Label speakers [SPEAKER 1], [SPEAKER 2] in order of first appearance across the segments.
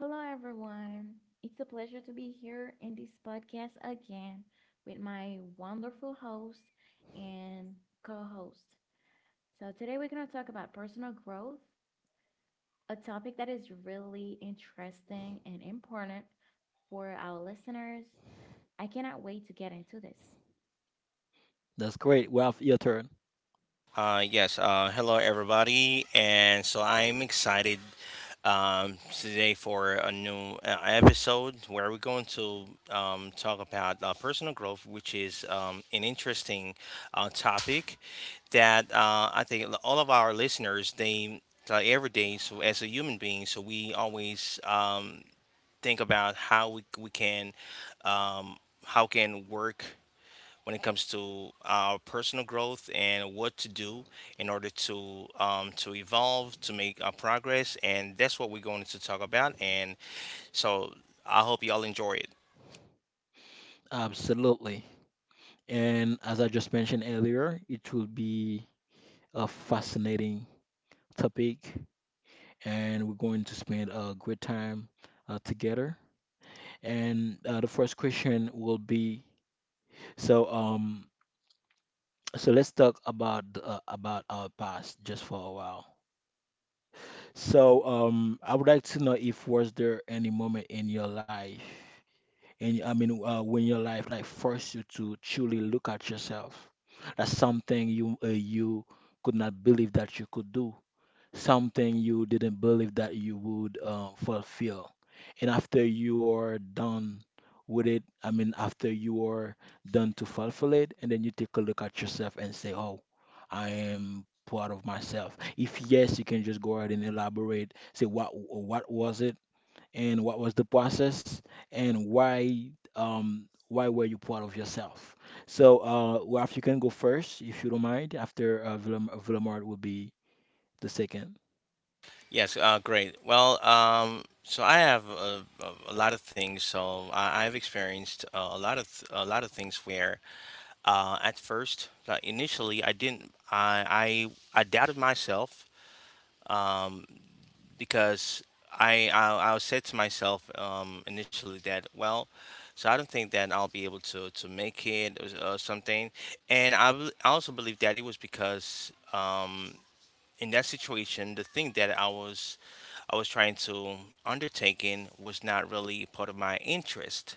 [SPEAKER 1] Hello, everyone. It's a pleasure to be here in this podcast again with my wonderful host and co host. So, today we're going to talk about personal growth, a topic that is really interesting and important for our listeners. I cannot wait to get into this.
[SPEAKER 2] Yes. Hello, everybody, and so I'm excited today for a new episode where we're going to talk about personal growth, which is an interesting topic that I think all of our listeners they every day. So as a human being, so we always think about how we can um, how can work when it comes to our personal growth and what to do in order to evolve, to make our progress, and that's what we're going to talk about. And so I hope y'all enjoy it. Yes, great. Well, so I have a lot of things. So I've experienced a lot of a lot of things where, at first, like initially, I didn't. I I doubted myself. Um, because I said to myself initially that well, so I don't think that I'll be able to make it or something, and I also believe that it was because in that situation the thing that I was trying to undertaking was not really part of my interest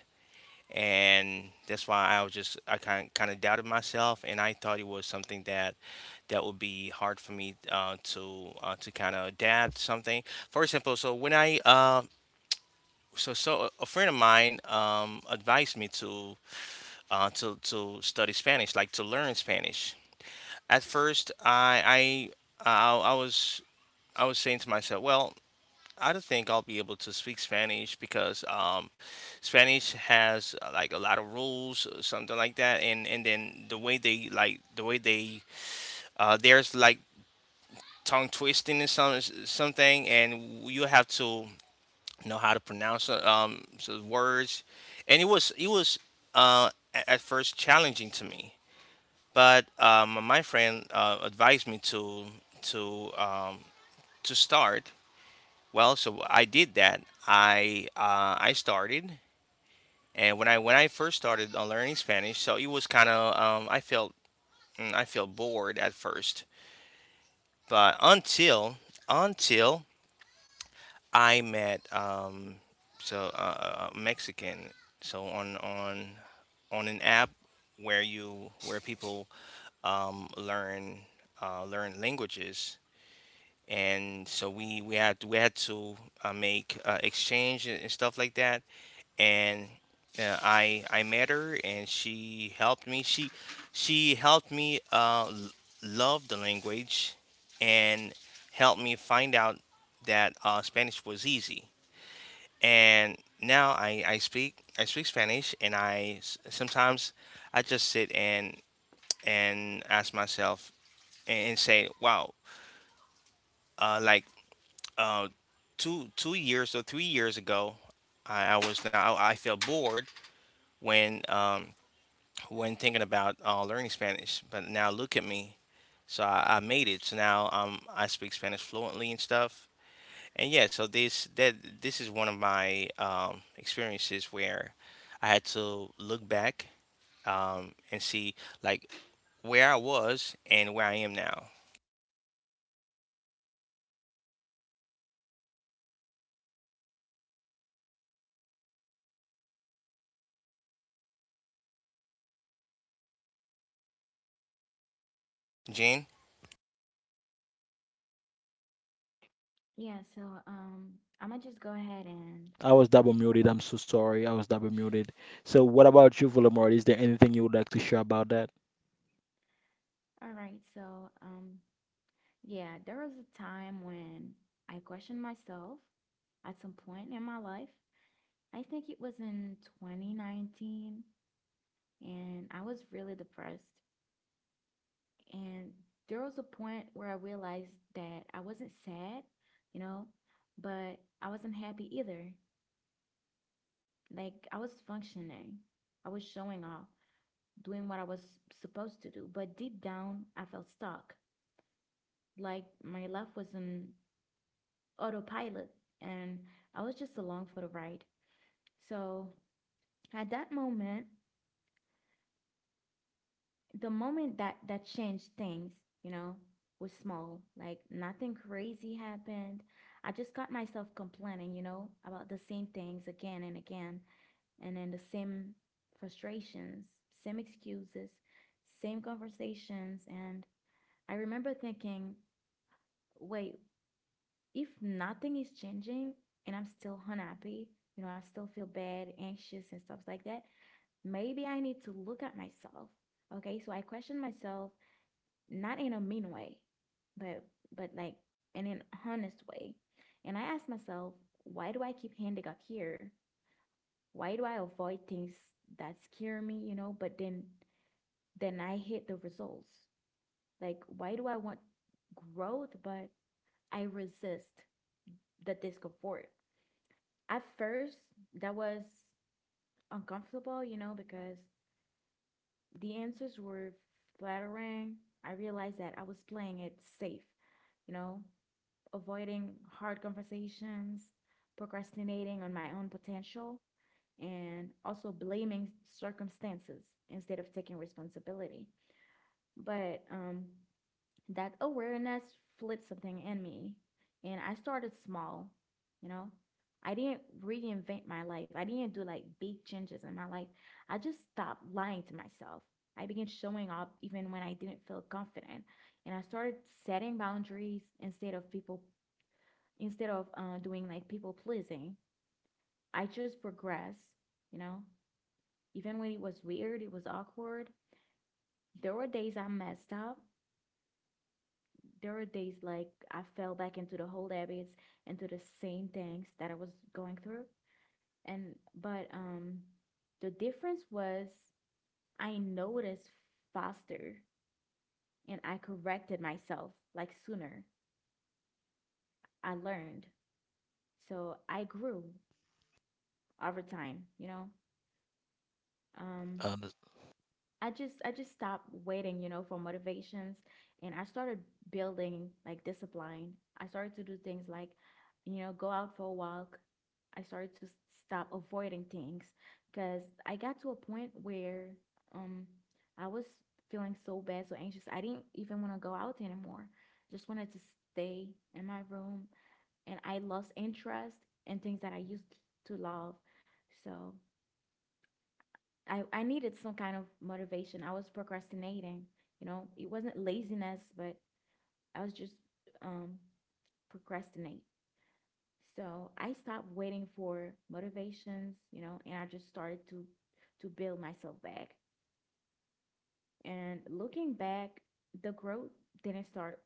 [SPEAKER 2] and that's why I was just I kind of doubted myself, and I thought it was something that would be hard for me to kind of adapt something. For example, so when I a friend of mine advised me to study Spanish, like to learn Spanish. At first, I was I was saying to myself, well, I don't think I'll be able to speak Spanish because Spanish has like a lot of rules, or something like that, and then the way they like the way they there's like tongue twisting and some something, and you have to know how to pronounce words, and it was at first challenging to me, but my friend advised me to to um, to start. Well, so I did that. I started, and when I first started on learning Spanish, so it was kind of I felt I felt bored at first, but until I met a Mexican, so on an app where you where people um, learn learn languages and so we had to make exchange and stuff like that and I met her and she helped me. She helped me love the language and helped me find out that Spanish was easy. And now I speak Spanish and I sometimes I just sit and ask myself and say, wow, uh, like uh, two two years or 3 years ago, I was now I felt bored when um, when thinking about learning Spanish. But now look at me. So I made it. So now I speak Spanish fluently and stuff. And yeah, so this is one of my experiences where I had to look back and see like where I was and where I am now. Jane,
[SPEAKER 1] Yeah, so um, I'm going to just go ahead and. All right, so yeah, there was a time when I questioned myself at some point in my life I think it was in 2019, and I was really depressed. And there was a point where I realized that I wasn't sad, you know, but I wasn't happy either. Like, I was functioning, I was showing off, doing what I was supposed to do. But deep down, I felt stuck. Like, my life was in autopilot, and I was just along for the ride. So, at that moment, the moment that that changed things, you know, was small. Like nothing crazy happened. I just got myself complaining, you know, about the same things again and again, and then the same frustrations, same excuses, same conversations. And I remember thinking, wait, if nothing is changing and I'm still unhappy, you know, I still feel bad, anxious, and stuff like that, maybe I need to look at myself. Okay, so I questioned myself not in a mean way, but but like in an honest way. And I asked myself, why do I keep ending up here? Why do I avoid things that scare me, you know, but then I hit the results? Like why do I want growth but I resist the discomfort? At first, that was uncomfortable, you know, because the answers were flattering. I realized that I was playing it safe, you know, avoiding hard conversations, procrastinating on my own potential, and also blaming circumstances instead of taking responsibility. But that awareness flipped something in me, and I started small, you know. I didn't reinvent my life. I didn't do like big changes in my life. I just stopped lying to myself. I began showing up even when I didn't feel confident. And I started setting boundaries instead of people instead of doing like people pleasing, I just progress, you know? Even when it was weird, it was awkward. There were days I messed up. There were days like I fell back into the old habits, into the same things that I was going through. And but the difference was I noticed faster and I corrected myself like sooner. I learned. So I grew over time, you know? Um I just stopped waiting, you know, for motivations and I started building like discipline. I started to do things like, you know, go out for a walk. I started to stop avoiding things because I got to a point where um I was feeling so bad, so anxious. I didn't even want to go out anymore. Just wanted to stay in my room and I lost interest in things that I used to love. So I needed some kind of motivation. I was procrastinating. You know, it wasn't laziness, but I was just um, procrastinate. So I stopped waiting for motivations, you know, and I just started to build myself back. And looking back, the growth didn't start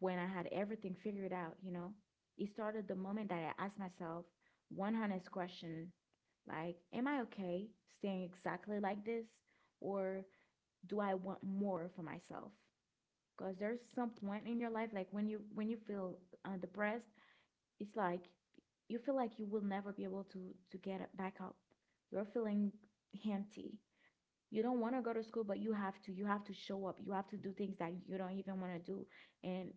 [SPEAKER 1] when I had everything figured out, you know. It started the moment that I asked myself one honest question like, am I okay staying exactly like this? Or do I want more for myself? Because there's some point in your life, like when you feel depressed, it's like you feel like you will never be able to get back up. You're feeling empty. You don't want to go to school, but you have to. You have to show up. You have to do things that you don't even want to do, and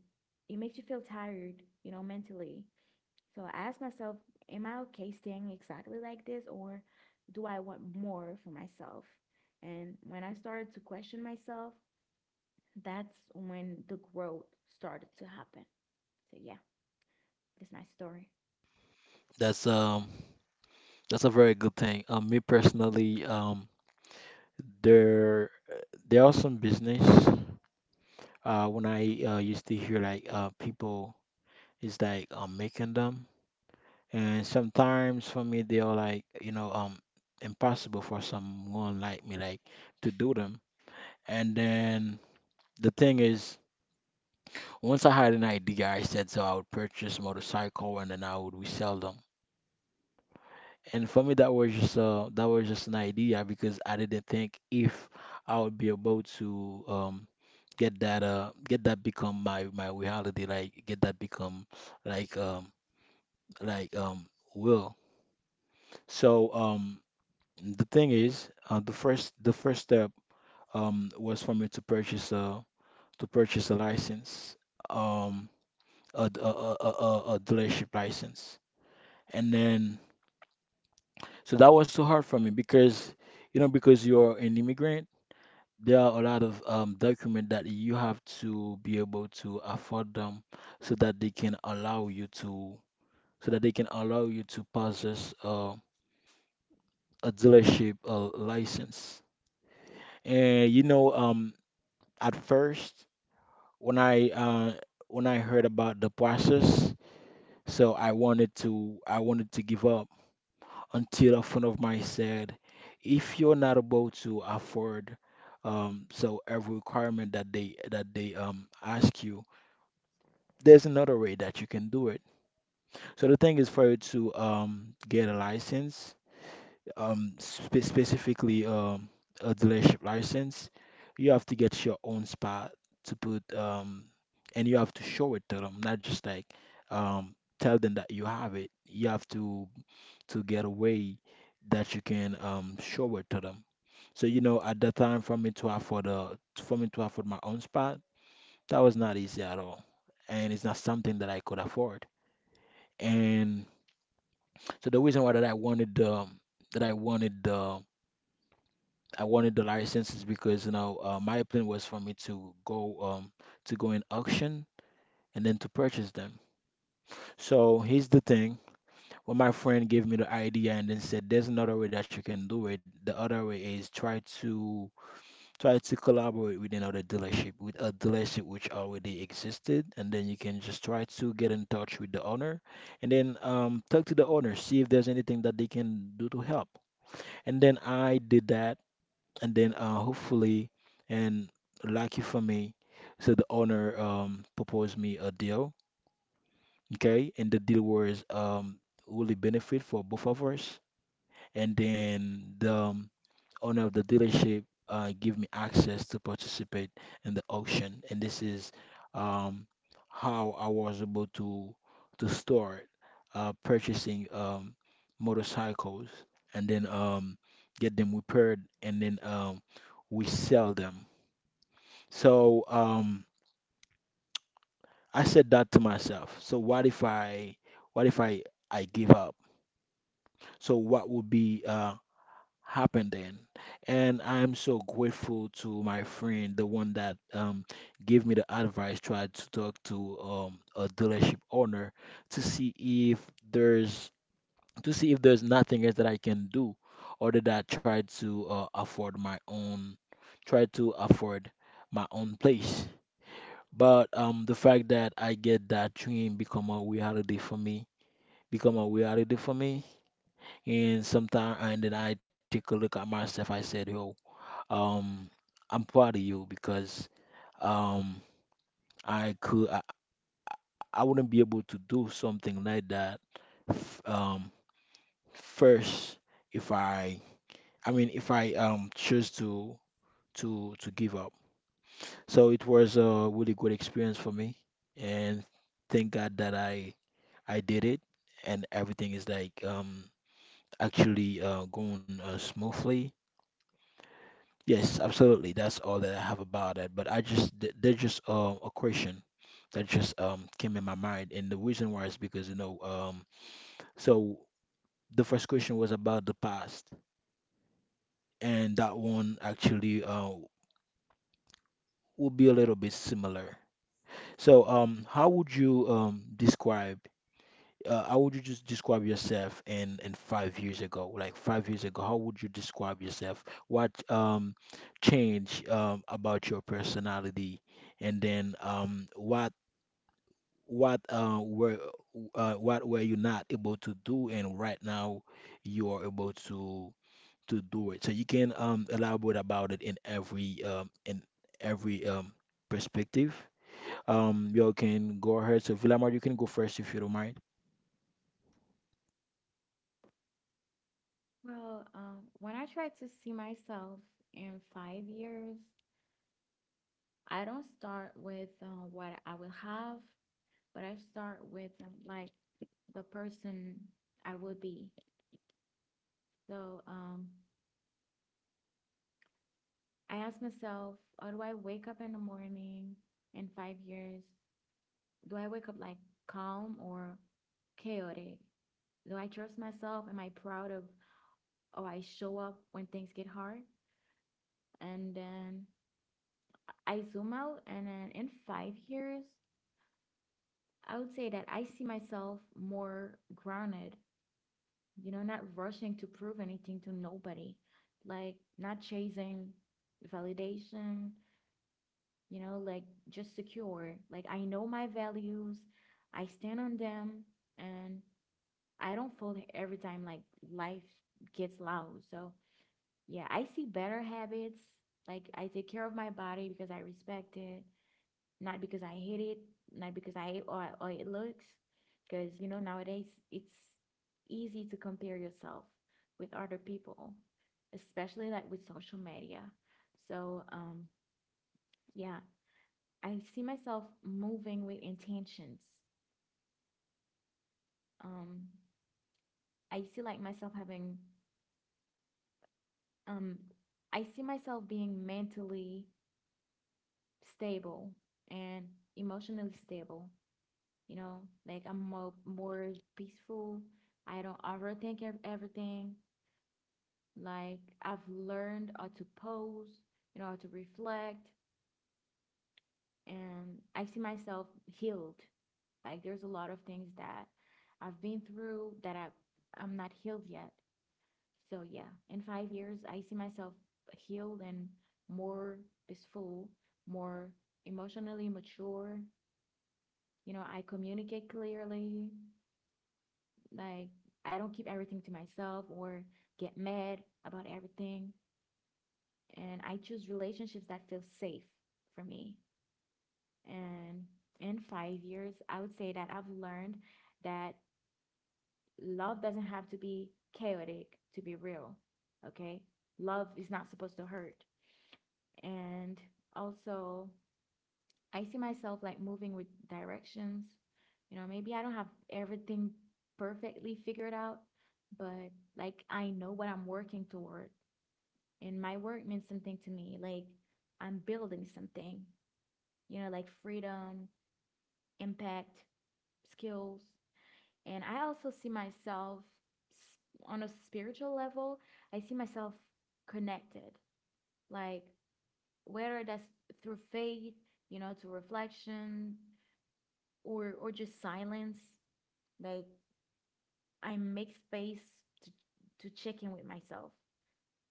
[SPEAKER 1] it makes you feel tired, you know, mentally. So I asked myself, am I okay staying exactly like this, or do I want more for myself? And when I started to question myself, that's when the growth started to happen. So yeah, that's my story. Well, when I try to see myself in 5 years, I don't start with what I will have, but I start with like the person I will be. So I ask myself, how do I wake up in the morning in 5 years? Do I wake up like calm or chaotic? Do I trust myself? Am I proud of or I show up when things get hard. And then I zoom out, and then in 5 years, I would say that I see myself more grounded, you know, not rushing to prove anything to nobody, like not chasing validation, you know, like just secure. Like I know my values, I stand on them, and I don't fold every time like life gets loud. So yeah, I see better habits. Like I take care of my body because I respect it, not because I hate it, not because I hate or it looks. Because you know nowadays it's easy to compare yourself with other people, especially like with social media. So yeah, I see myself moving with intentions. Um, I see like myself having um, I see myself being mentally stable and emotionally stable. You know, like I'm more peaceful. I don't overthink everything. Like I've learned how to pose, you know, how to reflect, and I see myself healed. Like there's a lot of things that I've been through that I'm not healed yet. So yeah, in 5 years, I see myself healed and more peaceful, more emotionally mature, you know, I communicate clearly. Like, I don't keep everything to myself or get mad about everything. And I choose relationships that feel safe for me. And in 5 years, I would say that I've learned that love doesn't have to be chaotic to be real. Okay. Love is not supposed to hurt. And also, I see myself like moving with directions. You know, maybe I don't have everything perfectly figured out, but like I know what I'm working toward, and my work means something to me. Like I'm building something, you know, like freedom, impact, skills. And I also see myself on a spiritual level, I see myself connected, like whether that's through faith, you know, to reflection or just silence. Like I make space to to check in with myself.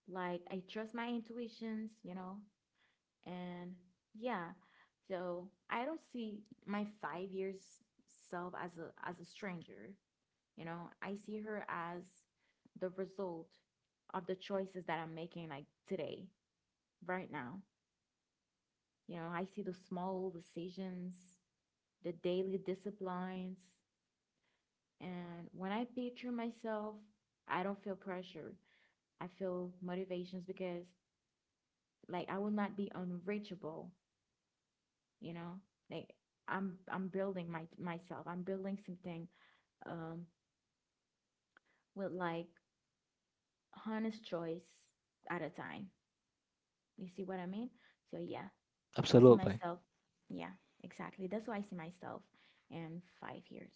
[SPEAKER 1] Like I trust my intuitions, you know, and yeah. So I don't see my 5 years self as a stranger. You know, I see her as the result of the choices that I'm making like today, right now. You know, I see the small decisions, the daily disciplines, and when I picture myself, I don't feel pressured. I feel motivations because like I will not be unreachable, you know? Like I'm building my myself. I'm building something um with like honest choice at a time. You see what I mean? So yeah, I see myself. Yeah, exactly. That's why I see myself in 5 years.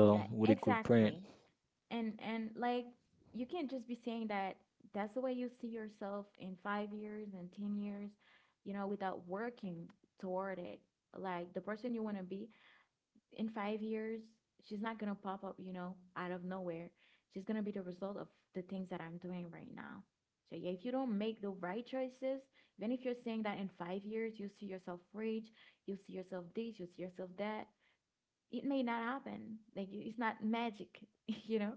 [SPEAKER 1] Yeah, exactly. And like you can't just be saying that that's the way you see yourself in 5 years and 10 years, you know, without working toward it. Like the person you want to be in 5 years, she's not gonna pop up, you know, out of nowhere. She's gonna be the result of the things that I'm doing right now. So yeah, if you don't make the right choices, even if you're saying that in 5 years you see yourself rich, you see yourself this, you see yourself that, it may not happen. Like it's not magic, you know.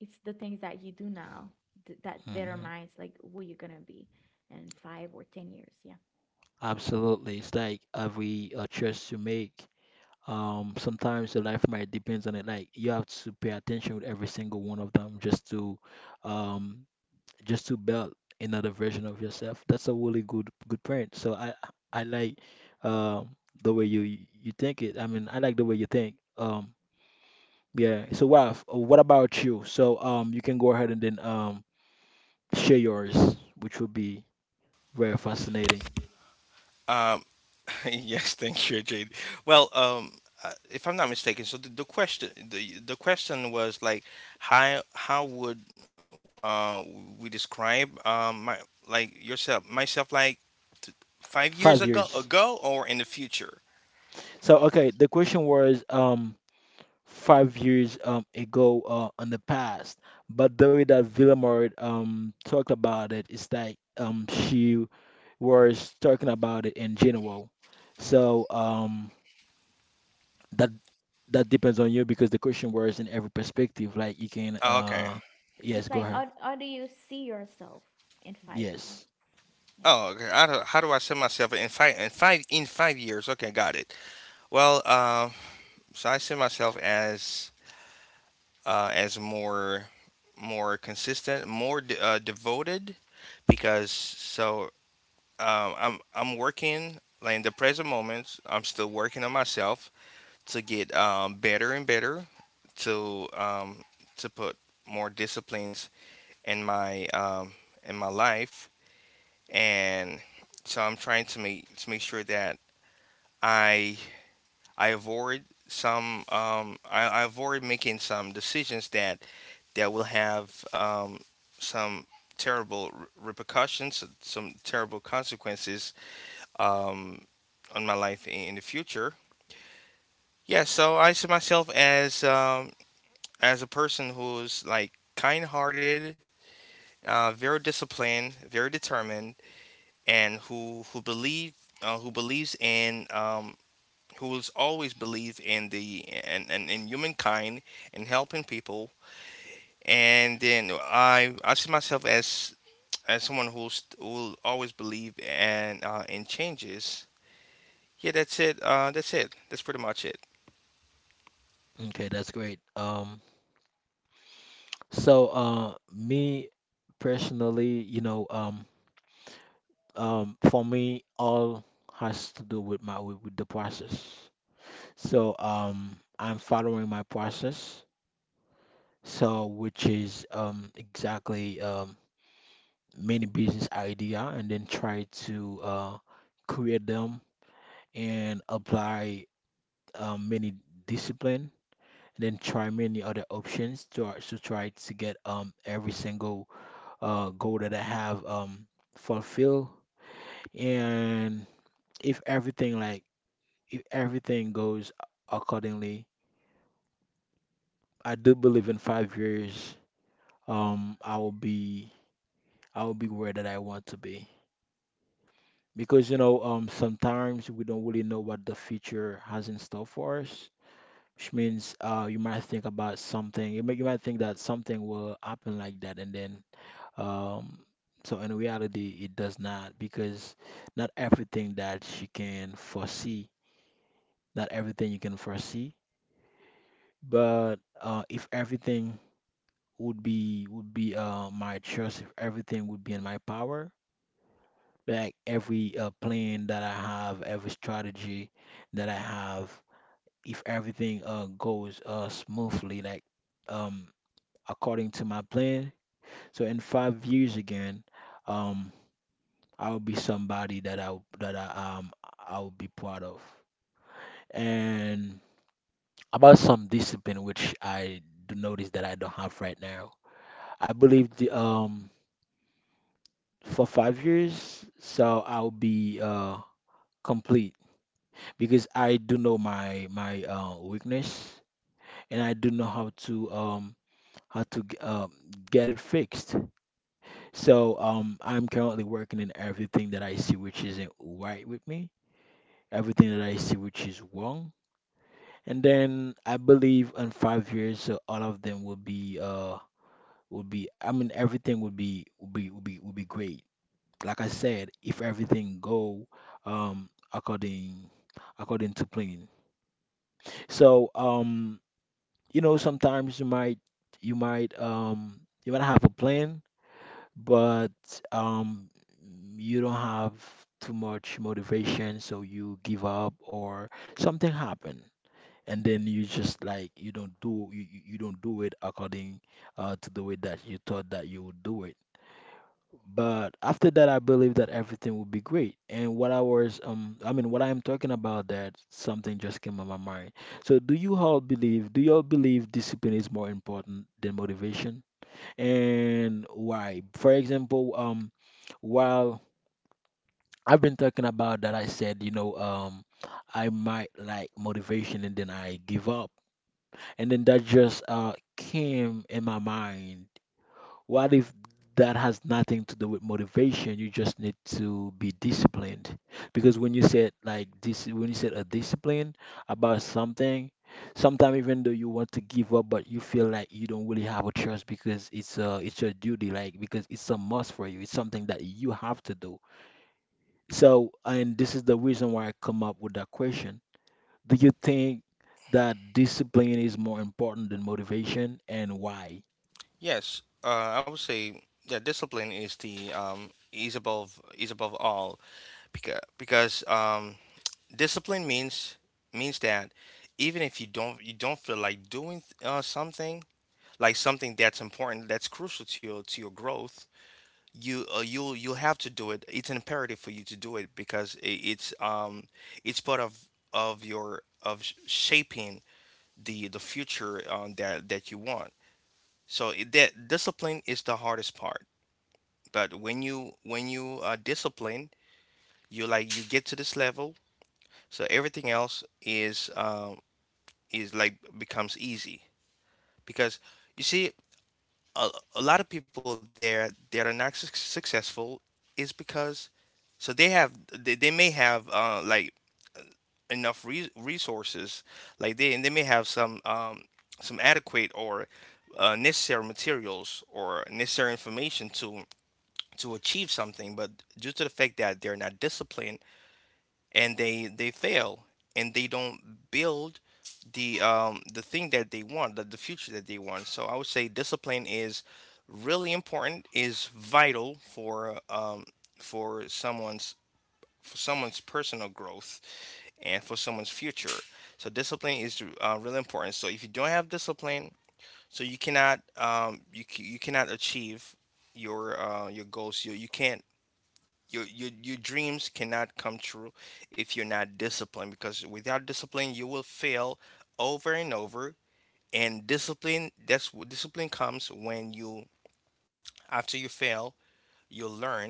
[SPEAKER 1] It's the things that you do now that determines like who you're gonna be in 5 or 10 years. Yeah,
[SPEAKER 2] uh, yes, thank you, Jade. Well, if I'm not mistaken, so the question was like how would uh we describe my like yourself myself like t- 5 years ago or in the future? Oh, okay.
[SPEAKER 1] it's like how do you see yourself in 5 years? Yeah.
[SPEAKER 2] Oh, okay. How do I see myself in 5 years? Okay, got it. Well, so I see myself as more consistent, more devoted, because so I'm working like in the present moment. I'm still working on myself to get better and better, to um, to put more disciplines in my um, in my life, and so I'm trying to make sure that I I avoid some I avoid making some decisions that will have some terrible repercussions, some terrible consequences um, on my life in the future. Yeah, so I see myself as a person who's like kind-hearted, very disciplined, very determined, and who believes in who will always believe in the in humankind and helping people. And then I see myself as someone who will always believe and in changes. Yeah, that's it. That's it. That's pretty much it. Yes, I would say that discipline is the is above all because discipline means that even if you don't you don't feel like doing something that's important that's crucial to your growth you you'll have to do it. It's imperative for you to do it because I it's part of your of shaping the future that that you want, so that discipline is the hardest part. But when you are disciplined, you like you get to this level, so everything else is like becomes easy because you see a, a lot of people there that are not successful. Is because so they have they may have enough resources like they, and they may have some adequate or necessary materials or necessary information to achieve something, but due to the fact that they're not disciplined and they fail and they don't build the thing that they want, the future that they want. So I would say discipline is really important, is vital for someone's for someone's personal growth and for someone's future. So discipline is really important. So if you don't have discipline, so you cannot you cannot achieve your goals. You can't, your dreams cannot come true if you're not disciplined, because without discipline you will fail over and over. And discipline, that's what discipline comes when you after you fail you learn,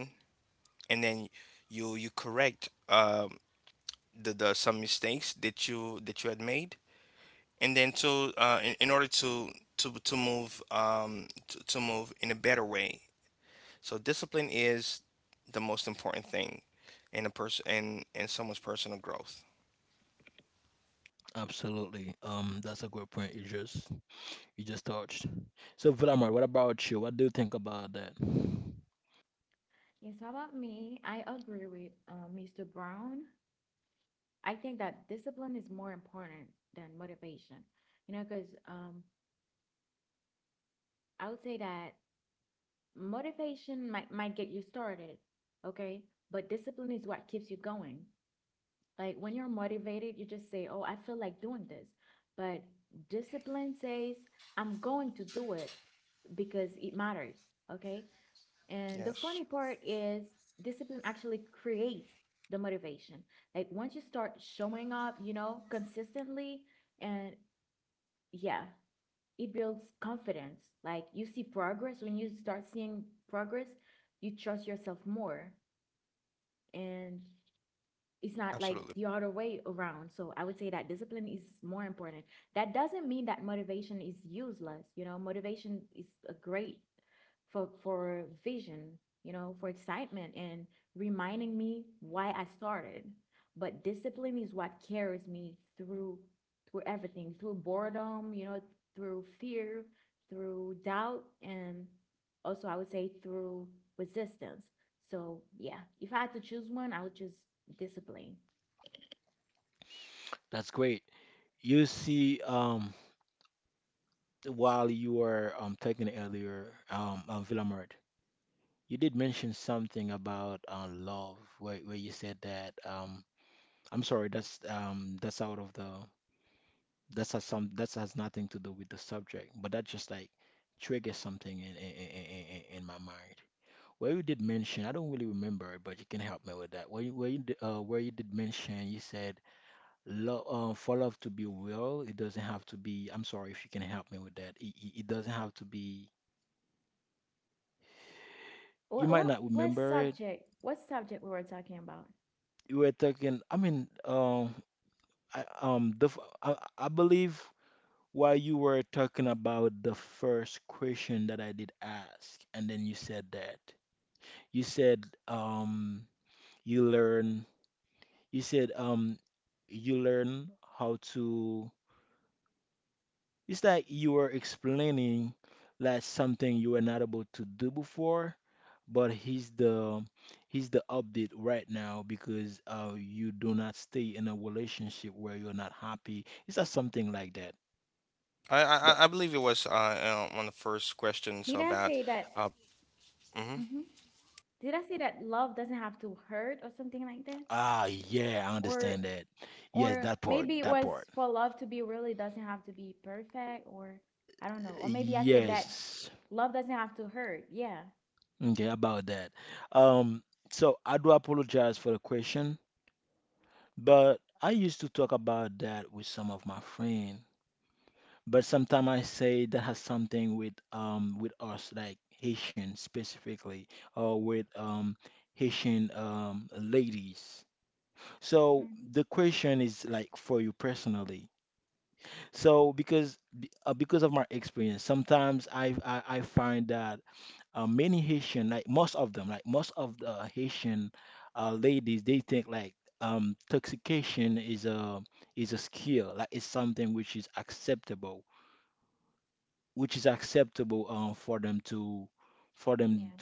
[SPEAKER 2] and then you correct the some mistakes that you had made, and then to in order to to move to move in a better way. So discipline is the most important thing in a person in someone's personal growth.
[SPEAKER 1] Yes, how about me? I agree with Mr. Brown. I think that discipline is more important than motivation. You know, because I would say that motivation might get you started, okay, but discipline is what keeps you going. Like when you're motivated, you just say, Oh, I feel like doing this. But discipline says, I'm going to do it because it matters. Okay. And the funny
[SPEAKER 2] Yes,
[SPEAKER 1] part is, discipline actually creates the motivation. Like once you start showing up, you know, consistently, and yeah, it builds confidence. Like you see progress. When you start seeing progress, you trust yourself more. And it's not like
[SPEAKER 2] absolutely.
[SPEAKER 1] the other way around. So I would say that discipline is more important. That doesn't mean that motivation is useless. You know, motivation is a great for vision, you know, for excitement and reminding me why I started. But discipline is what carries me through through everything, through boredom, you know, through fear, through doubt, and also I would say through resistance. So yeah, if I had to choose one, I would choose discipline. What subject? What subject we were talking about?
[SPEAKER 2] I believe it was one of the first questions
[SPEAKER 1] Did I
[SPEAKER 2] about
[SPEAKER 1] say that?
[SPEAKER 2] uh. Hmm.
[SPEAKER 1] Hmm Did I say that love doesn't have to hurt or something like that? Or or maybe it was for love to be really doesn't have to be perfect or I don't know. Or maybe I said that love doesn't have to hurt. Yeah. hmm Yeah.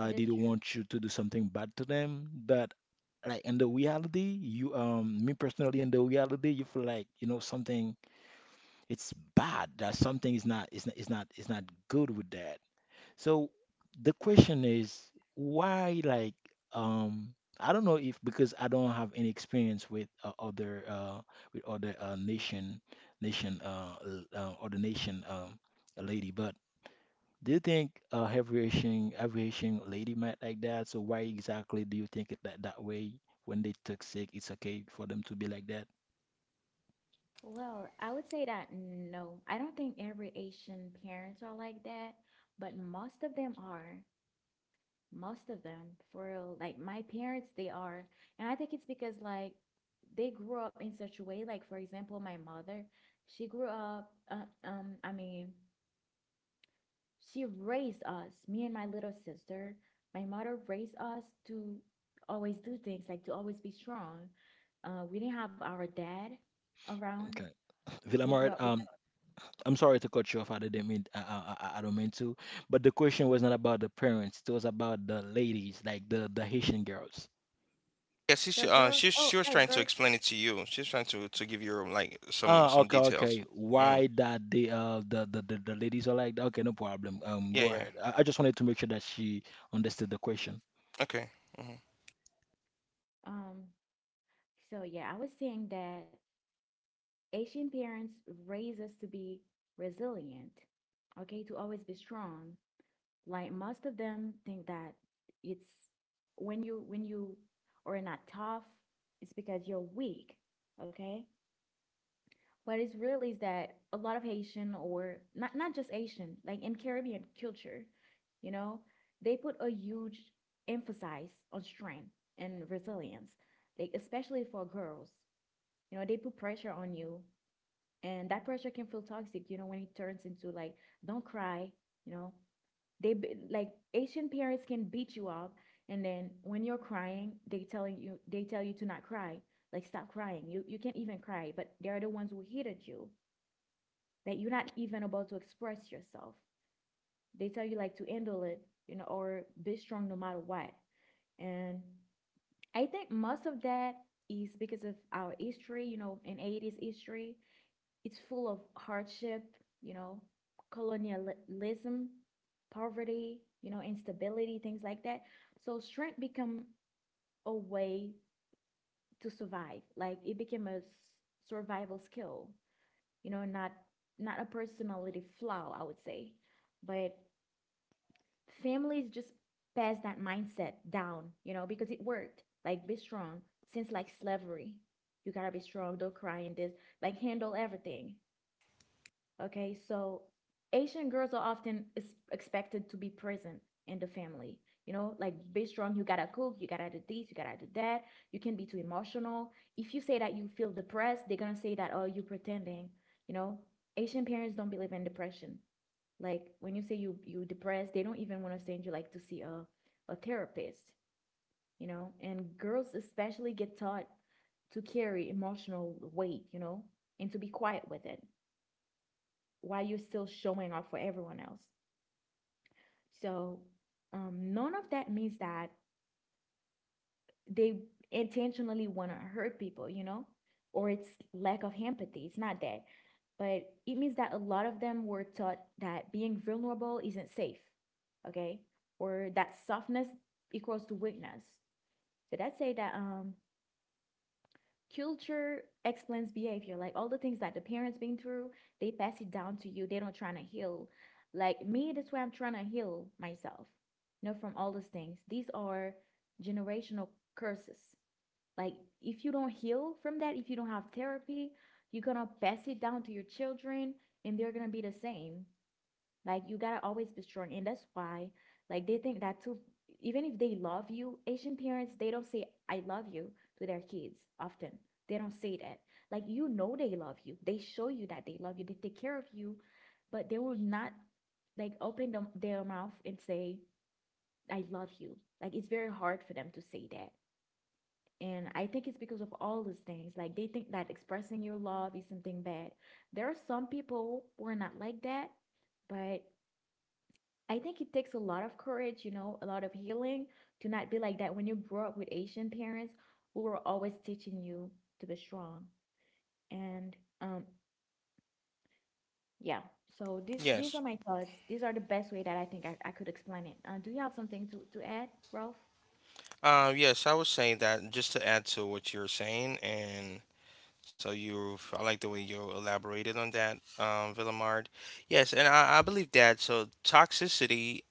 [SPEAKER 1] It is true. Well, I would say that no. I don't think every Asian parents are like that, but most of them are. Most of them, for real. Like my parents, they are. And I think it's because like they grew up in such a way, like for example, my mother, she grew up I mean, she raised us, me and my little sister. My mother raised us to always do things, like to always be strong. We didn't have our dad around. We grew up with.
[SPEAKER 2] Yeah,
[SPEAKER 1] The girl, oh,
[SPEAKER 2] she was
[SPEAKER 1] like
[SPEAKER 2] trying to
[SPEAKER 1] girl.
[SPEAKER 2] explain it to you. She's trying to give you like some details. Hmm. Yeah, yeah. Okay. Hmm.
[SPEAKER 1] Um, so yeah, I was saying that Asian parents raise us to be resilient, okay, to always be strong. Like most of them think that it's when you are not tough, it's because you're weak, okay? What is real is that a lot of Haitian or not just Asian, like in Caribbean culture, you know, they put a huge emphasis on strength and resilience, like especially for girls. You know, they put pressure on you, and that pressure can feel toxic. You know, when it turns into like, don't cry. You know, like Asian parents can beat you up, and then when you're crying, they tell you to not cry, like stop crying. You can't even cry, but they are the ones who hated you that you're not even about to express yourself. They tell you like to handle it, you know, or be strong no matter what. And I think most of that is because of our history, you know, in '80s history. It's full of hardship, you know, colonialism, poverty, you know, instability, things like that. So strength become a way to survive. Like it became a survival skill, you know, not a personality flaw, I would say. But families just pass that mindset down, you know, because it worked. Like be strong since like slavery. You gotta be strong, don't cry in this, like handle everything. Okay, so Asian girls are often is expected to be present in the family. You know, like be strong, you gotta cook, you gotta do this, you gotta do that. You can not be too emotional. If you say that you feel depressed, they're gonna say that, oh, you're pretending. You know, Asian parents don't believe in depression. Like when you say you depressed, they don't even want to send you like to see a therapist. You know, and girls especially get taught to carry emotional weight. You know, and to be quiet with it while you're still showing up for everyone else. So none of that means that they intentionally want to hurt people, you know, or it's lack of empathy. It's not that. But it means that a lot of them were taught that being vulnerable isn't safe, okay? Or that softness equals to weakness. So that say that culture explains behavior, like all the things that the parents been through, they pass it down to you. They don't trying to heal like me. That's why I'm trying to heal myself, you know, from all those things. These are generational curses. Like if you don't heal from that, if you don't have therapy, you're gonna pass it down to your children and they're gonna be the same. Like you gotta always be strong, and that's why, like they think that too. Even if they love you, Asian parents they don't say "I love you" to their kids often. They don't say that. Like you know they love you. They show you that they love you. They take care of you, but they will not like open them, their mouth and say "I love you." Like it's very hard for them to say that. And I think it's because of all these things. Like they think that expressing your love is something bad. There are some people who are not like that, but I think it takes a lot of courage, you know, a lot of healing to not be like that. When you grow up with Asian parents who were always teaching you to be strong, and yeah. So these are
[SPEAKER 2] Yes.
[SPEAKER 1] my thoughts. These are the best way that I think I could explain it. Do you have something to add, Ralph?
[SPEAKER 2] Yes, I would say that just to add to what you're saying, and so I like the way you elaborated on that, Villamard. Yes, and I believe that. So toxicity,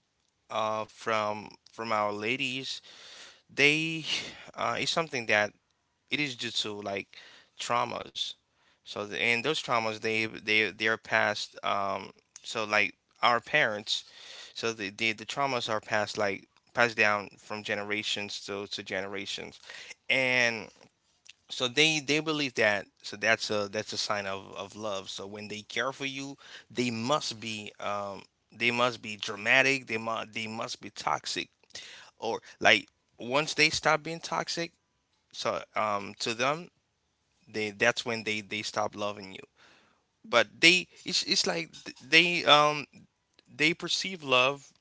[SPEAKER 2] from our ladies, they, is something that it is due to like traumas. So the, and those traumas, they are passed. So like our parents, so the traumas are passed like passed down from generations to generations, and so they believe that so that's a sign of love. So when they care for you, they must be um they must be dramatic, they must be toxic. Or like once they stop being toxic, so to them, they that's when they stop loving you. But they it's, they perceive love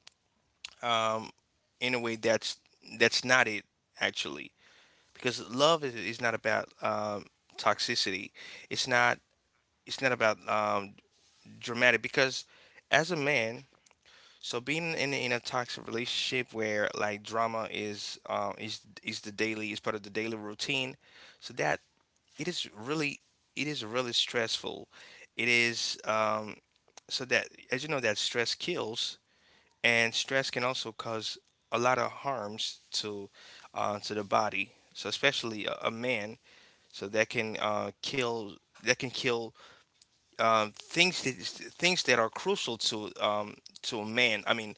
[SPEAKER 2] um in a way that's not it, actually, because love is not about toxicity. It's not, it's not about dramatic. Because as a man, so being in a toxic relationship where like drama is is the daily is part of the daily routine, so that it is really it is really stressful. It is so that as you know that stress kills, and stress can also cause a lot of harms to the body. So especially a man, so that can kill, that can kill things that are crucial to a man. I mean,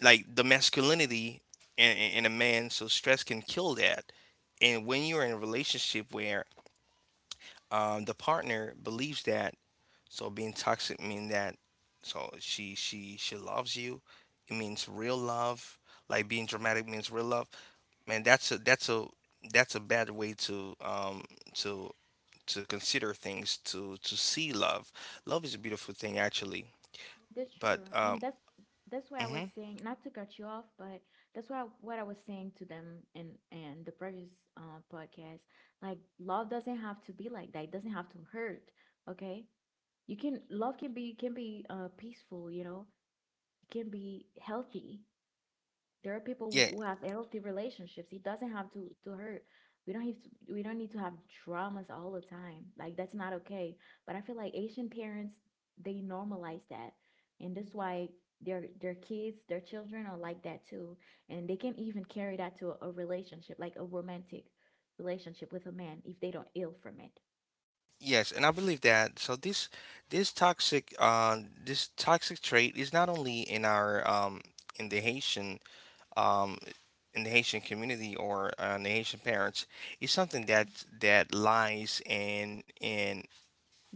[SPEAKER 2] like the masculinity in a man. So stress can kill that. And when you're in a relationship where the partner believes that, so being toxic mean that, so she loves you. It means real love. Like being dramatic means real love. Man, that's a that's a that's a bad way to to to consider things to see love. Love is a beautiful thing, actually.
[SPEAKER 1] That's
[SPEAKER 2] But
[SPEAKER 1] true. And that's why I was
[SPEAKER 2] mhm.
[SPEAKER 1] saying, not to cut you off, but that's why what I was saying to them in the previous podcast, like love doesn't have to be like that. It doesn't have to hurt, okay? You can love can be can be peaceful, you know, it can be healthy. There are people
[SPEAKER 2] Yeah,
[SPEAKER 1] who have healthy relationships. It doesn't have to hurt. We don't need to have dramas all the time, like that's not okay. But I feel like Asian parents, they normalize that, and that's why their kids, their children are like that too. And they can even carry that to a relationship, like a romantic relationship with a man if they don't ill from it.
[SPEAKER 2] yes, and I believe that. So this toxic this toxic trait is not only in our in the Haitian um, in the Haitian community or in the Haitian parents. It's something that lies in in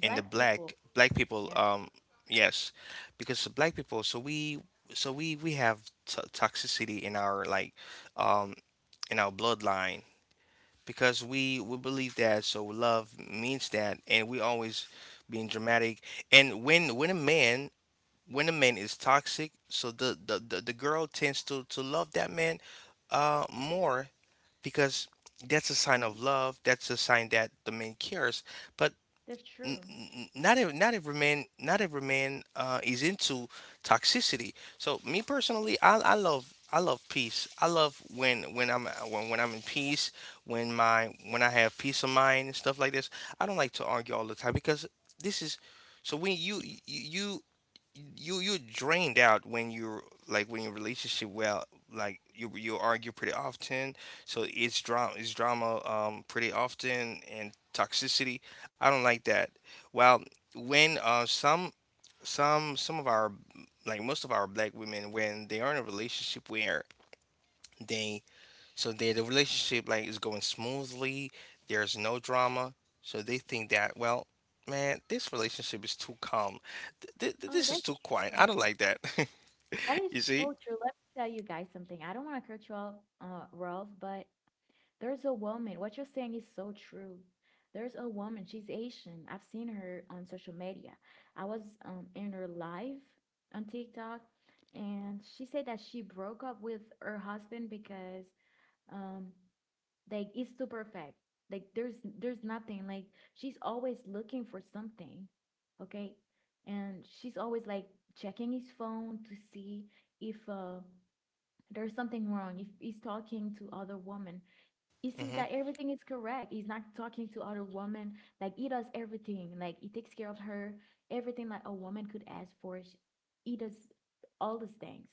[SPEAKER 2] in the black
[SPEAKER 1] people.
[SPEAKER 2] black people.
[SPEAKER 1] Yeah.
[SPEAKER 2] Yes, because the black people. So we have toxicity in our um, in our bloodline because we believe that so love means that, and we always being dramatic. And when a man is toxic, so the girl tends to love that man more because that's a sign
[SPEAKER 1] Mhm.
[SPEAKER 2] of love, that's a sign that the man cares. But
[SPEAKER 1] That's true.
[SPEAKER 2] not every, not every man, not every man is into toxicity. So me personally, I love peace. I love when I'm in peace, when my when I have peace of mind and stuff like this. I don't like to argue all the time because this is so when you you're drained out when you're like when your relationship, well, like you argue pretty often. So it's drama, it's drama pretty often, and toxicity, I don't like that. Well, when some of our, like most of our black women, when they are in a relationship where they, so they, the relationship like is going smoothly. There's no drama. So they think that, well, man, this relationship is too calm.
[SPEAKER 1] Oh,
[SPEAKER 2] This is
[SPEAKER 1] that's
[SPEAKER 2] too quiet. I
[SPEAKER 1] true.
[SPEAKER 2] don't like that.
[SPEAKER 1] That is
[SPEAKER 2] You see?
[SPEAKER 1] so true. Let me tell you guys something. I don't want to cut you off, Ralph, but there's a woman. What you're saying is so true. There's a woman. She's Asian. I've seen her on social media. I was in her live on TikTok, and she said that she broke up with her husband because um, like it's too perfect. Like there's nothing. Like she's always looking for something. Okay. And she's always like checking his phone to see if there's something wrong, if he's talking to other women. He sees
[SPEAKER 2] Hmm.
[SPEAKER 1] that everything is correct. He's not talking to other woman. Like he does everything. Like he takes care of her. Everything like a woman could ask for. He does all these things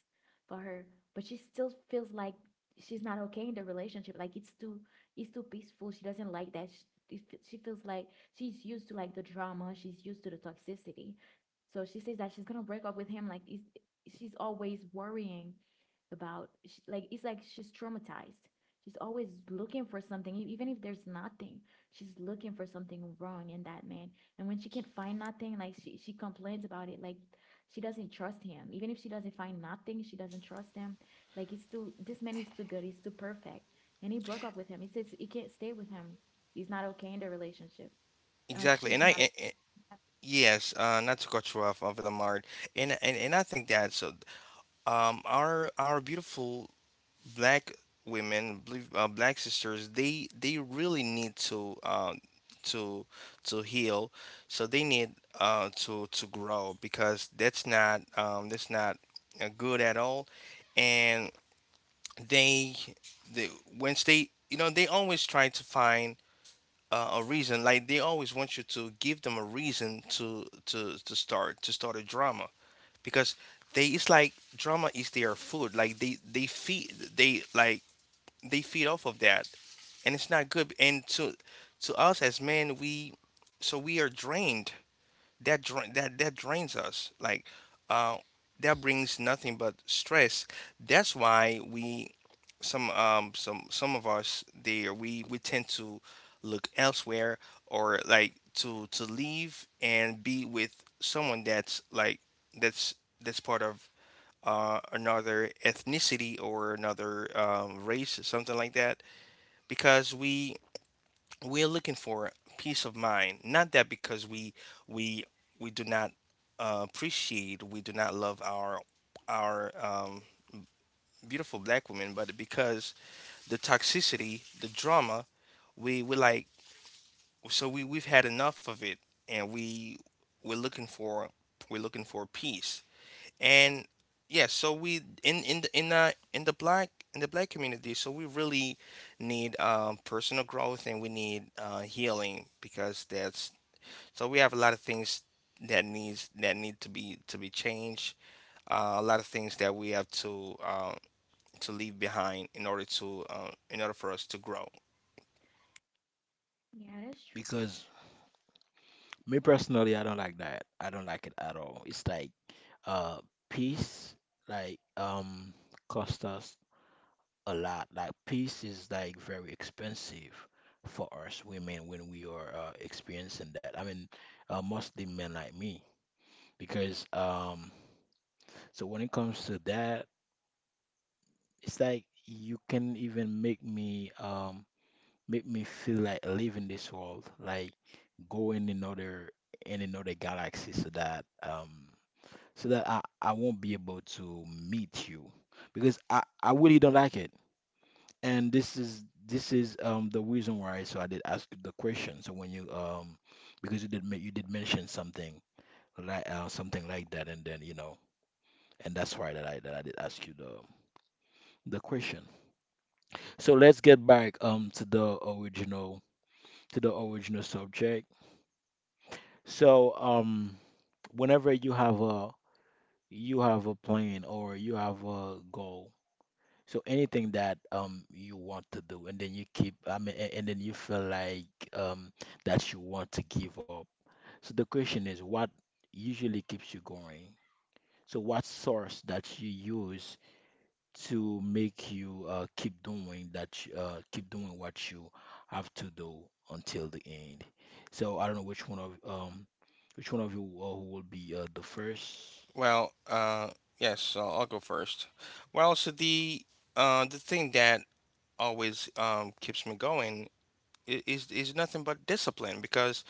[SPEAKER 1] for her. But she still feels like she's not okay in the relationship. Like it's too peaceful. She doesn't like that. She, she feels like she's used to like the drama. She's used to the toxicity. So she says that she's gonna break up with him. Like it's, she's always worrying about. Sh Like it's like she's traumatized. She's always looking for something, even if there's nothing. She's looking for something wrong in that man. And when she can't find nothing, like she complains about it. Like she doesn't trust him. Even if she doesn't find nothing, she doesn't trust him. Like it's too, this man is too good. He's too perfect. And he broke up with him. He says he can't stay with him. He's not okay in the relationship.
[SPEAKER 2] Exactly.
[SPEAKER 1] She's
[SPEAKER 2] And I.
[SPEAKER 1] not
[SPEAKER 2] A-
[SPEAKER 1] okay.
[SPEAKER 2] Yes, not to cut you off, of Lamar, and I think that, so. Our beautiful black women, believe, black sisters, they really need to heal. So they need to grow, because that's not good at all. And they they once they, you know, they always try to find. A reason. Like they always want you to give them a reason to start a drama because they, it's like drama is their food, like they like they feed off of that, and it's not good. And to us as men, we so we are drained. That drains us, like uh that brings nothing but stress. That's why we some of us there we tend to look elsewhere, or like to leave and be with someone that's like that's that's part of another ethnicity or another race or something like that, because we're looking for peace of mind, not that, because we we we do not appreciate we do not love our our um, beautiful black women. But because the toxicity, the drama, we like so we we've had enough of it, and we're looking for peace. And yeah, so we in the black, in the black community, so we really need personal growth, and we need healing, because that's so we have a lot of things that need to be changed. A lot of things that we have to leave behind in order to in order for us to grow.
[SPEAKER 1] Yeah, that's true.
[SPEAKER 2] Well, yes, so I'll go first. Well, so the thing that always keeps me going is nothing but discipline, because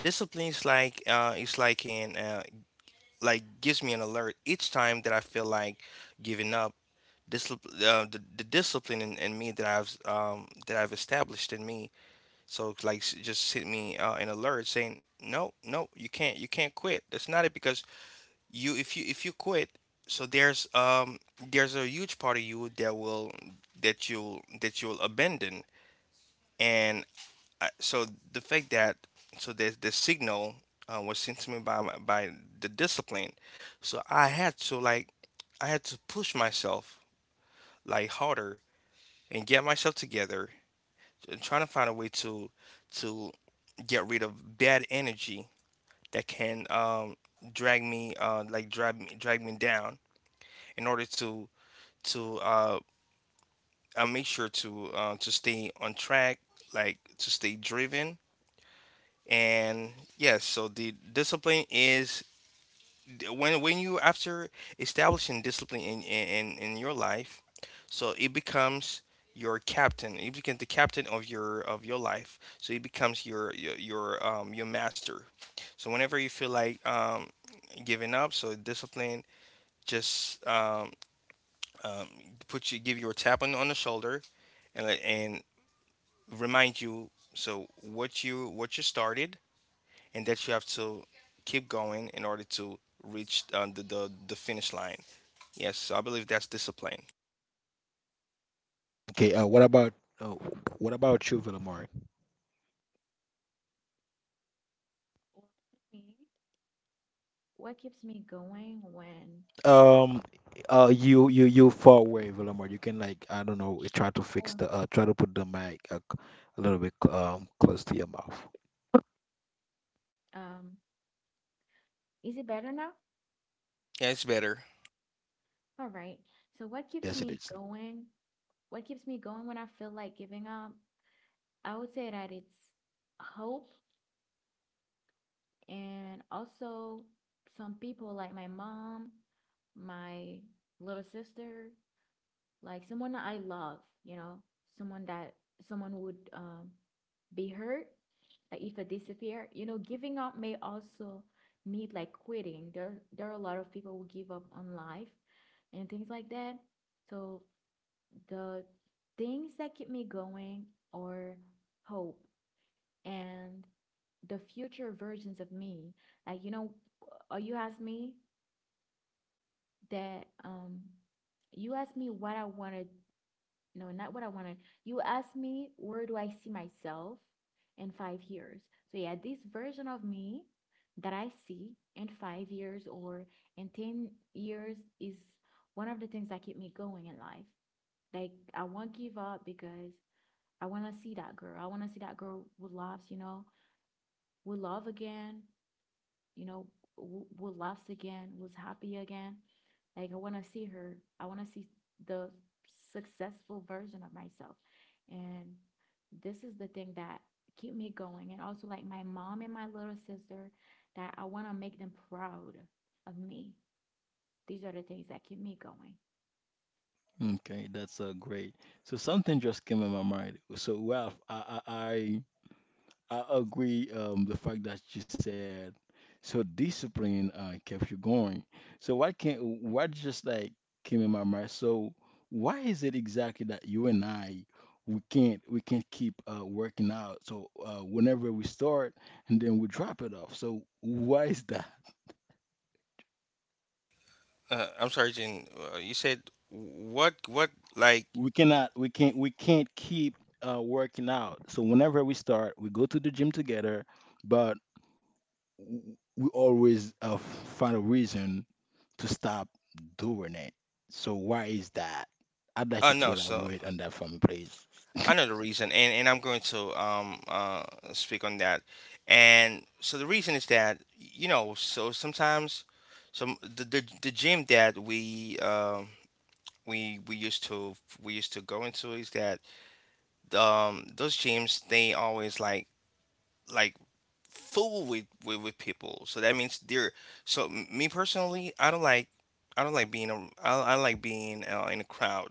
[SPEAKER 2] discipline is like it's like an like gives me an alert each time that I feel like giving up. Discipline, the discipline in me that I've established in me. So it's like just hit me an alert saying, no, no, you can't quit. That's not it, because you, if you quit, so there's a huge part of you that will that you'll abandon. And I, so the fact that so the signal was sent to me by the discipline, so I had to like I had to push myself, like, harder, and get myself together, and trying to find a way to to get rid of bad energy that can drag me, like drag me down in order to to uh, I make sure to stay on track, like, to stay driven. And yes, so the discipline is when you after establishing discipline in in your life, so it becomes your captain, it becomes the captain of your life, so it becomes your your master. So whenever you feel like giving up, so discipline just um put you give you a tap on the shoulder and remind you, so what you, what you started, and that you have to keep going in order to reach the the finish line. Yes, so I believe that's discipline.
[SPEAKER 3] Okay, uh, what about you, Villamor?
[SPEAKER 1] Or for me. What keeps me going when,
[SPEAKER 3] Um, you far away, Villamor. You can like I don't know, try to fix
[SPEAKER 1] well,
[SPEAKER 3] the try to put the mic a little bit close to your mouth.
[SPEAKER 1] um, is it better now?
[SPEAKER 2] Yeah, it's better.
[SPEAKER 1] All right. So what keeps
[SPEAKER 3] Yes, it
[SPEAKER 1] me
[SPEAKER 3] is.
[SPEAKER 1] going? What keeps me going when I feel like giving up? I would say that it's hope, and also some people like my mom, my little sister, like someone that I love, you know, someone that someone would be hurt, like if I disappear, you know, giving up may also need like quitting. There are a lot of people who give up on life and things like that. So the things that keep me going are hope and the future versions of me. Like, you know, or you asked me that, um, you asked me what I wanted, no, not what I wanted. You asked me where do I see myself in 5 years. So, yeah, this version of me that I see in 5 years or in 10 years is one of the things that keep me going in life. Like, I won't give up because I want to see that girl. I want to see that girl with laughs, you know, with love again, you know, with laughs again, was happy again. Like I want to see her. I want to see the successful version of myself. And this is the thing that keep me going. And also like my mom and my little sister that I want to make them proud of me. These are the things that keep me going.
[SPEAKER 3] Okay, that's great. So something just came in my mind. So Ralph, I agree. The fact that you said so discipline kept you going. So what can what just like came in my mind? So why is it exactly that you and I we can't keep working out? So whenever we start and then we drop it off. So why is that?
[SPEAKER 2] I'm sorry, Jen. You said what? What? Like?
[SPEAKER 3] We can't keep working out. So whenever we start, we go to the gym together, but w- we always find a reason to stop doing it. So why is that? I'd like you
[SPEAKER 2] No.
[SPEAKER 3] to
[SPEAKER 2] So
[SPEAKER 3] elaborate on that for me, please.
[SPEAKER 2] I know the reason, and I'm going to speak on that. And so the reason is that, you know, so sometimes, some the the gym that we used to go into is that, those gyms, they always like fool with people. So that means they're, so me personally, I don't like, I don't like being a I don't like being in a crowd.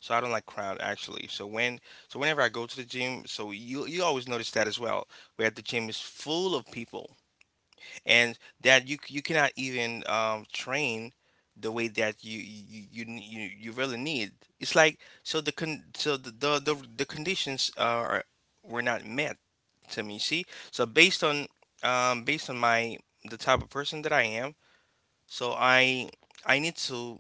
[SPEAKER 2] So I don't like crowd, actually. So when, so whenever I go to the gym, so you always notice that as well. Where the gym is full of people, and that you cannot even train the way that you really need. It's like so the con so the conditions are were not met to me. See, so based on based on my the type of person that I am, so I need to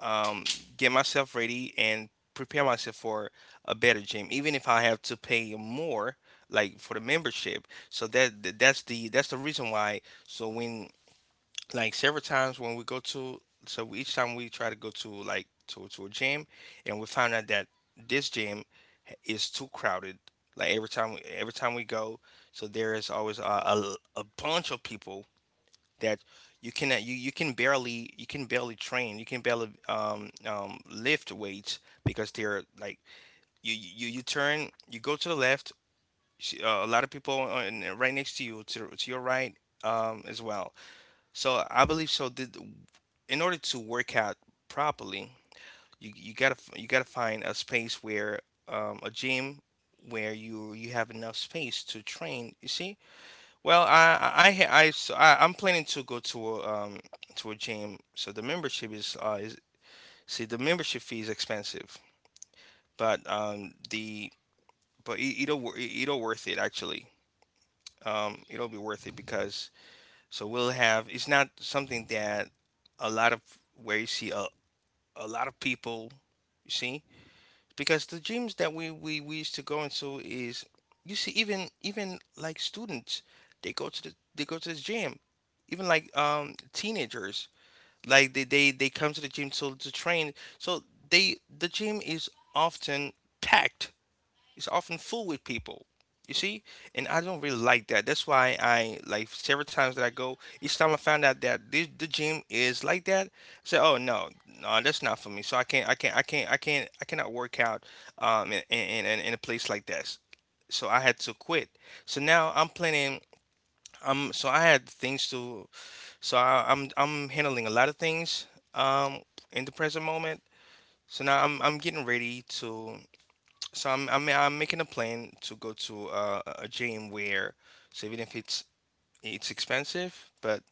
[SPEAKER 2] um get myself ready and prepare myself for a better gym, even if I have to pay more, like, for the membership. So that's the reason why. So when, like, several times when we go to, so each time we try to go to like to a gym, and we found out that this gym is too crowded. Like every time, we go, so there is always a bunch of people that you cannot, you can barely, you can barely train, you can barely lift weights because they're like you turn, you go to the left, a lot of people on, right next to you to your right as well. So I believe so. Did, in order to work out properly, you gotta you gotta find a space where a gym where you have enough space to train. You see, well, I I, I so I I'm planning to go to a gym. So the membership is is, see, the membership fee is expensive, but the but it'll it'll worth it, actually. It'll be worth it because so we'll have, it's not something that a lot of, where you see a lot of people, you see, because the gyms that we used to go into is you see, even, like, students, they go to the, they go to this gym, even like, teenagers, like they come to the gym to train, so they, the gym is often packed, it's often full with people. You see? And I don't really like that. That's why I, like, several times that I go, each time I found out that this, the gym is like that, I say, oh no, no, that's not for me. So I cannot work out in a place like that. So I had to quit. So now I'm planning, so I had things to, so I'm handling a lot of things um in the present moment. So now I'm getting ready to, so I'm making a plan to go to a gym where, so even if it's it's expensive, but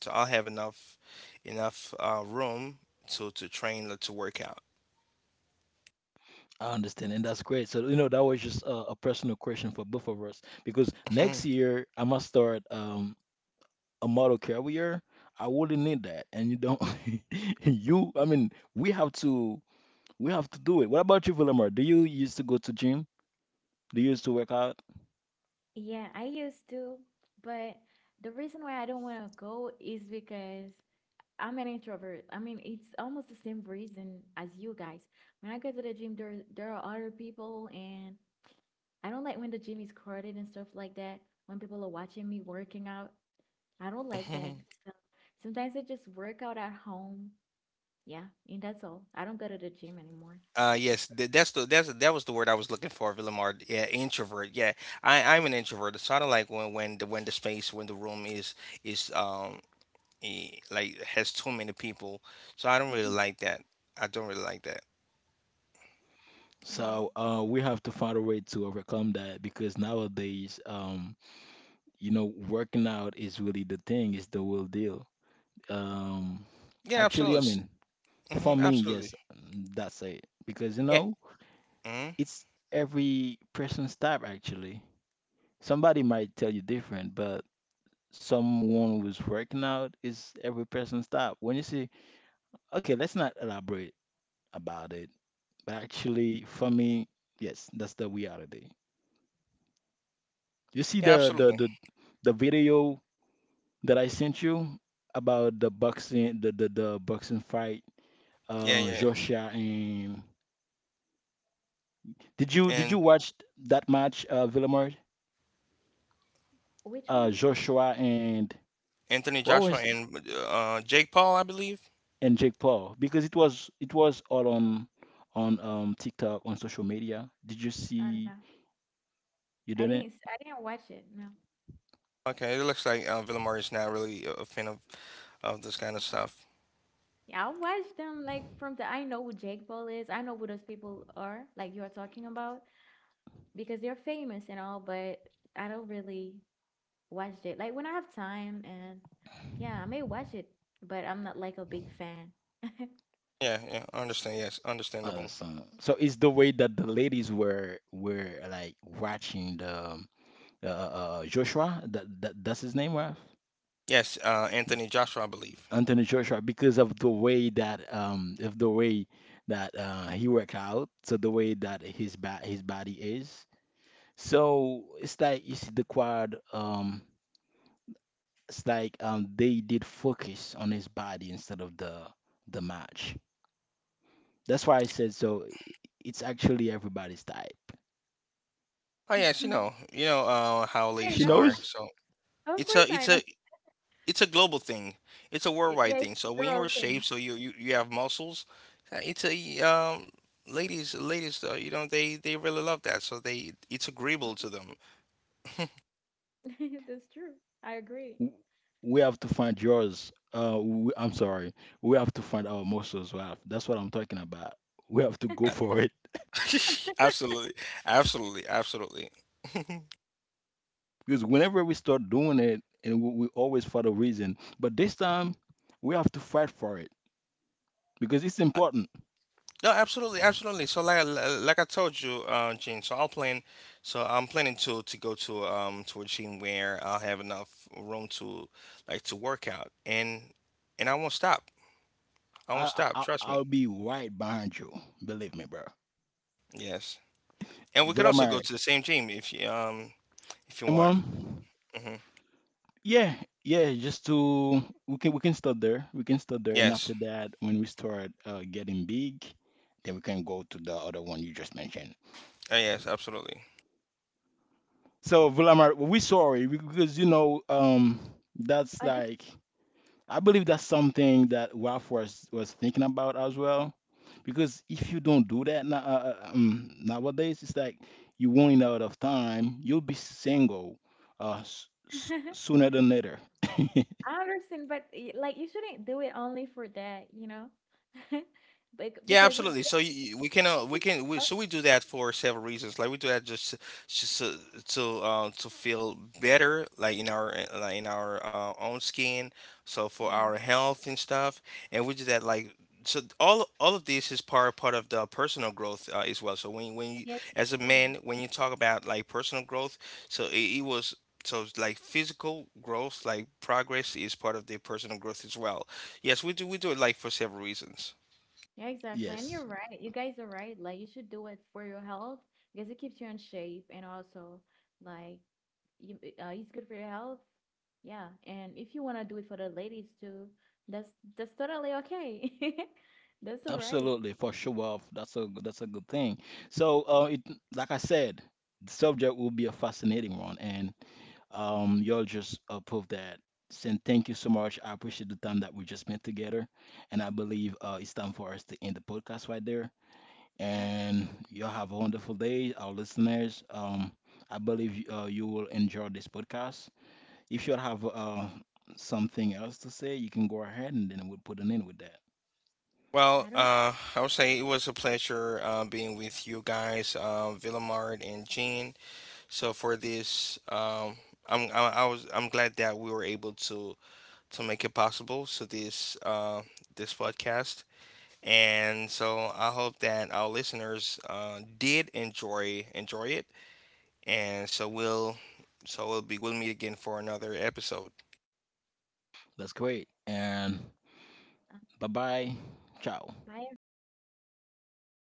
[SPEAKER 2] so I'll have enough room to train, like, to work out.
[SPEAKER 3] I understand, and that's great. So you know that was just a personal question for both of us because next
[SPEAKER 2] Mhm,
[SPEAKER 3] year I must start a model career. I wouldn't need that, and you don't. you, I mean, we have to do it. What about you, Villamar? Do you used to go to gym? Do you used to work out?
[SPEAKER 1] Yeah, I used to, but the reason why I don't want to go is because I'm an introvert. I mean, it's almost the same reason as you guys. When I go to the gym, there are other people, and I don't like when the gym is crowded and stuff like that. When people are watching me working out, I don't like that.
[SPEAKER 2] mhm.
[SPEAKER 1] So sometimes I just work out at home. Yeah, and that's all. I don't go to the gym anymore.
[SPEAKER 2] Yes, that's the that's that was the word I was looking for, Villamard. Yeah, introvert. Yeah, I'm an introvert. So I don't like when when the space, when the room is um like has too many people. So I don't really
[SPEAKER 1] Mhm.
[SPEAKER 2] like that. I don't really like that.
[SPEAKER 1] Yeah.
[SPEAKER 3] So we have to find a way to overcome that because nowadays, you know, working out is really the thing, it's the real deal. Um,
[SPEAKER 2] Yeah,
[SPEAKER 3] actually, I
[SPEAKER 2] absolutely.
[SPEAKER 3] mean, for
[SPEAKER 2] Mm-hmm,
[SPEAKER 3] me,
[SPEAKER 2] absolutely.
[SPEAKER 3] yes, that's it. Because, you
[SPEAKER 2] Yeah.
[SPEAKER 3] know,
[SPEAKER 2] Mhm.
[SPEAKER 3] it's every person's type, actually. Somebody might tell you different, but someone who's working out is every person's type. When you say, okay, let's not elaborate about it, but actually, for me, yes, that's the reality. You see
[SPEAKER 2] Yeah, absolutely.
[SPEAKER 3] the video that I sent you about the boxing fight,
[SPEAKER 2] Yeah, yeah, yeah.
[SPEAKER 3] Joshua and did you
[SPEAKER 2] And
[SPEAKER 3] watch that match, Villamard?
[SPEAKER 1] Which one?
[SPEAKER 3] Joshua and
[SPEAKER 2] Anthony
[SPEAKER 3] what
[SPEAKER 2] Joshua
[SPEAKER 3] was
[SPEAKER 2] and Jake Paul, I believe.
[SPEAKER 3] and Jake Paul because it was all on TikTok on social media. Did you
[SPEAKER 1] I don't
[SPEAKER 3] see?
[SPEAKER 1] know.
[SPEAKER 3] You didn't.
[SPEAKER 1] I didn't watch it. No.
[SPEAKER 2] Okay, it looks like Villamar is not really a fan of this kind of stuff.
[SPEAKER 1] Yeah, I watched them like from the. I know who Jake Paul is. I know who those people are, like you're talking about, because they're famous and all, but I don't really watch it. Like when I have time and yeah, I may watch it, but I'm not like a big fan.
[SPEAKER 2] Yeah, yeah, I
[SPEAKER 3] S-
[SPEAKER 2] understand. Yes,
[SPEAKER 3] Uh,
[SPEAKER 2] understandable.
[SPEAKER 3] so, so it's the way that the ladies were like watching the Joshua. That's his name, right?
[SPEAKER 2] Yes, Anthony Joshua, I believe.
[SPEAKER 3] Anthony Joshua because of the way that of the way that he work out, so the way that his body is. So it's like you see the quad it's like they did focus on his body instead of the match. That's why I said so it's actually everybody's type.
[SPEAKER 2] Oh yes, you know, how
[SPEAKER 1] I
[SPEAKER 3] She
[SPEAKER 2] ladies
[SPEAKER 1] know.
[SPEAKER 2] are.
[SPEAKER 3] knows
[SPEAKER 2] So
[SPEAKER 1] Of
[SPEAKER 2] it's
[SPEAKER 1] course
[SPEAKER 2] a,
[SPEAKER 1] I know.
[SPEAKER 2] it's a global thing. It's a
[SPEAKER 1] It, yeah,
[SPEAKER 2] worldwide thing.
[SPEAKER 1] it's a
[SPEAKER 2] So when you're
[SPEAKER 1] girl thing.
[SPEAKER 2] shaped, so you have muscles. It's a ladies, you know, they really love that. So they, it's agreeable to them.
[SPEAKER 1] Mhm. That's true. I agree.
[SPEAKER 3] w- we have to find yours. I'm sorry. We have to find our muscles. Well, that's what I'm talking about. We have to go for it.
[SPEAKER 2] Absolutely, absolutely.
[SPEAKER 3] Because whenever we start doing it, and we always for the reason, but this time we have to fight for it because it's important.
[SPEAKER 2] No, absolutely, absolutely. So like I- like I told you, Gene. So I'm planning, to go to a gym where I'll have enough room to like to work out, and I won't stop. I won't stop. Trust
[SPEAKER 3] I'll
[SPEAKER 2] me.
[SPEAKER 3] be right behind you, believe me, bro.
[SPEAKER 2] Yes. And we can also go
[SPEAKER 3] Vladimir,
[SPEAKER 2] to the same gym if you
[SPEAKER 3] Imran,
[SPEAKER 2] want. Hmm.
[SPEAKER 3] yeah, yeah. Just to we can start there. We can start there, and after
[SPEAKER 2] Yes.
[SPEAKER 3] that, when we start getting big, then we can go to the other one you just mentioned.
[SPEAKER 2] Yes. Absolutely.
[SPEAKER 3] So Vladimir, we sorry because you know that's
[SPEAKER 1] Oh, that's
[SPEAKER 3] like. I believe that's something that Ralph was thinking about as well, because if you don't do that now, nowadays, it's like you running out of time. You'll be single, s s sooner than later.
[SPEAKER 1] I understand, but like you shouldn't do it only for that, you know?
[SPEAKER 2] Yeah,
[SPEAKER 1] Because
[SPEAKER 2] absolutely. So we can,
[SPEAKER 1] it could- oh,
[SPEAKER 2] so we do that for several reasons. Like we do that just to just to feel better, like in our own skin. So for
[SPEAKER 1] yeah,
[SPEAKER 2] our health and stuff, and we do that like, so all of this is part of the personal growth as well. So when you,
[SPEAKER 1] yeah, that's
[SPEAKER 2] as a
[SPEAKER 1] true.
[SPEAKER 2] man, when you talk about like personal growth, so it was. So it's like physical growth, like progress, is part of the personal growth as well. Yes, we do. We do it like for several reasons.
[SPEAKER 1] Yeah, exactly. And you're
[SPEAKER 3] Yes.
[SPEAKER 1] right. You guys are right. Like you should do it for your health because it keeps you in shape and also like it's good for your health. Yeah. And if you want to do it for the ladies too, that's that's totally okay. That's all right.
[SPEAKER 3] Absolutely, for sure. That's a good thing. So, it like I said, the subject will be a fascinating one, and y'all just prove that. Saying thank you so much. I appreciate the time that we just spent together, and I believe it's time for us to end the podcast right there.
[SPEAKER 1] Yeah.
[SPEAKER 3] And y'all have a wonderful day, our listeners. I believe you will enjoy this podcast. If you have something else to say, you can go ahead, and then we'll put an end with that.
[SPEAKER 1] I
[SPEAKER 2] Well,
[SPEAKER 1] don't
[SPEAKER 2] I would say it was a pleasure being with you guys, Villamard and Jean. So for this, I was I'm glad that we were able to make it possible. So this this podcast. And so I hope that our listeners did enjoy it. And so we'll be, we'll meet again for another episode.
[SPEAKER 3] That's great, and.
[SPEAKER 1] uh,
[SPEAKER 3] Bye bye. Ciao.
[SPEAKER 1] bye everyone.
[SPEAKER 2] Bye.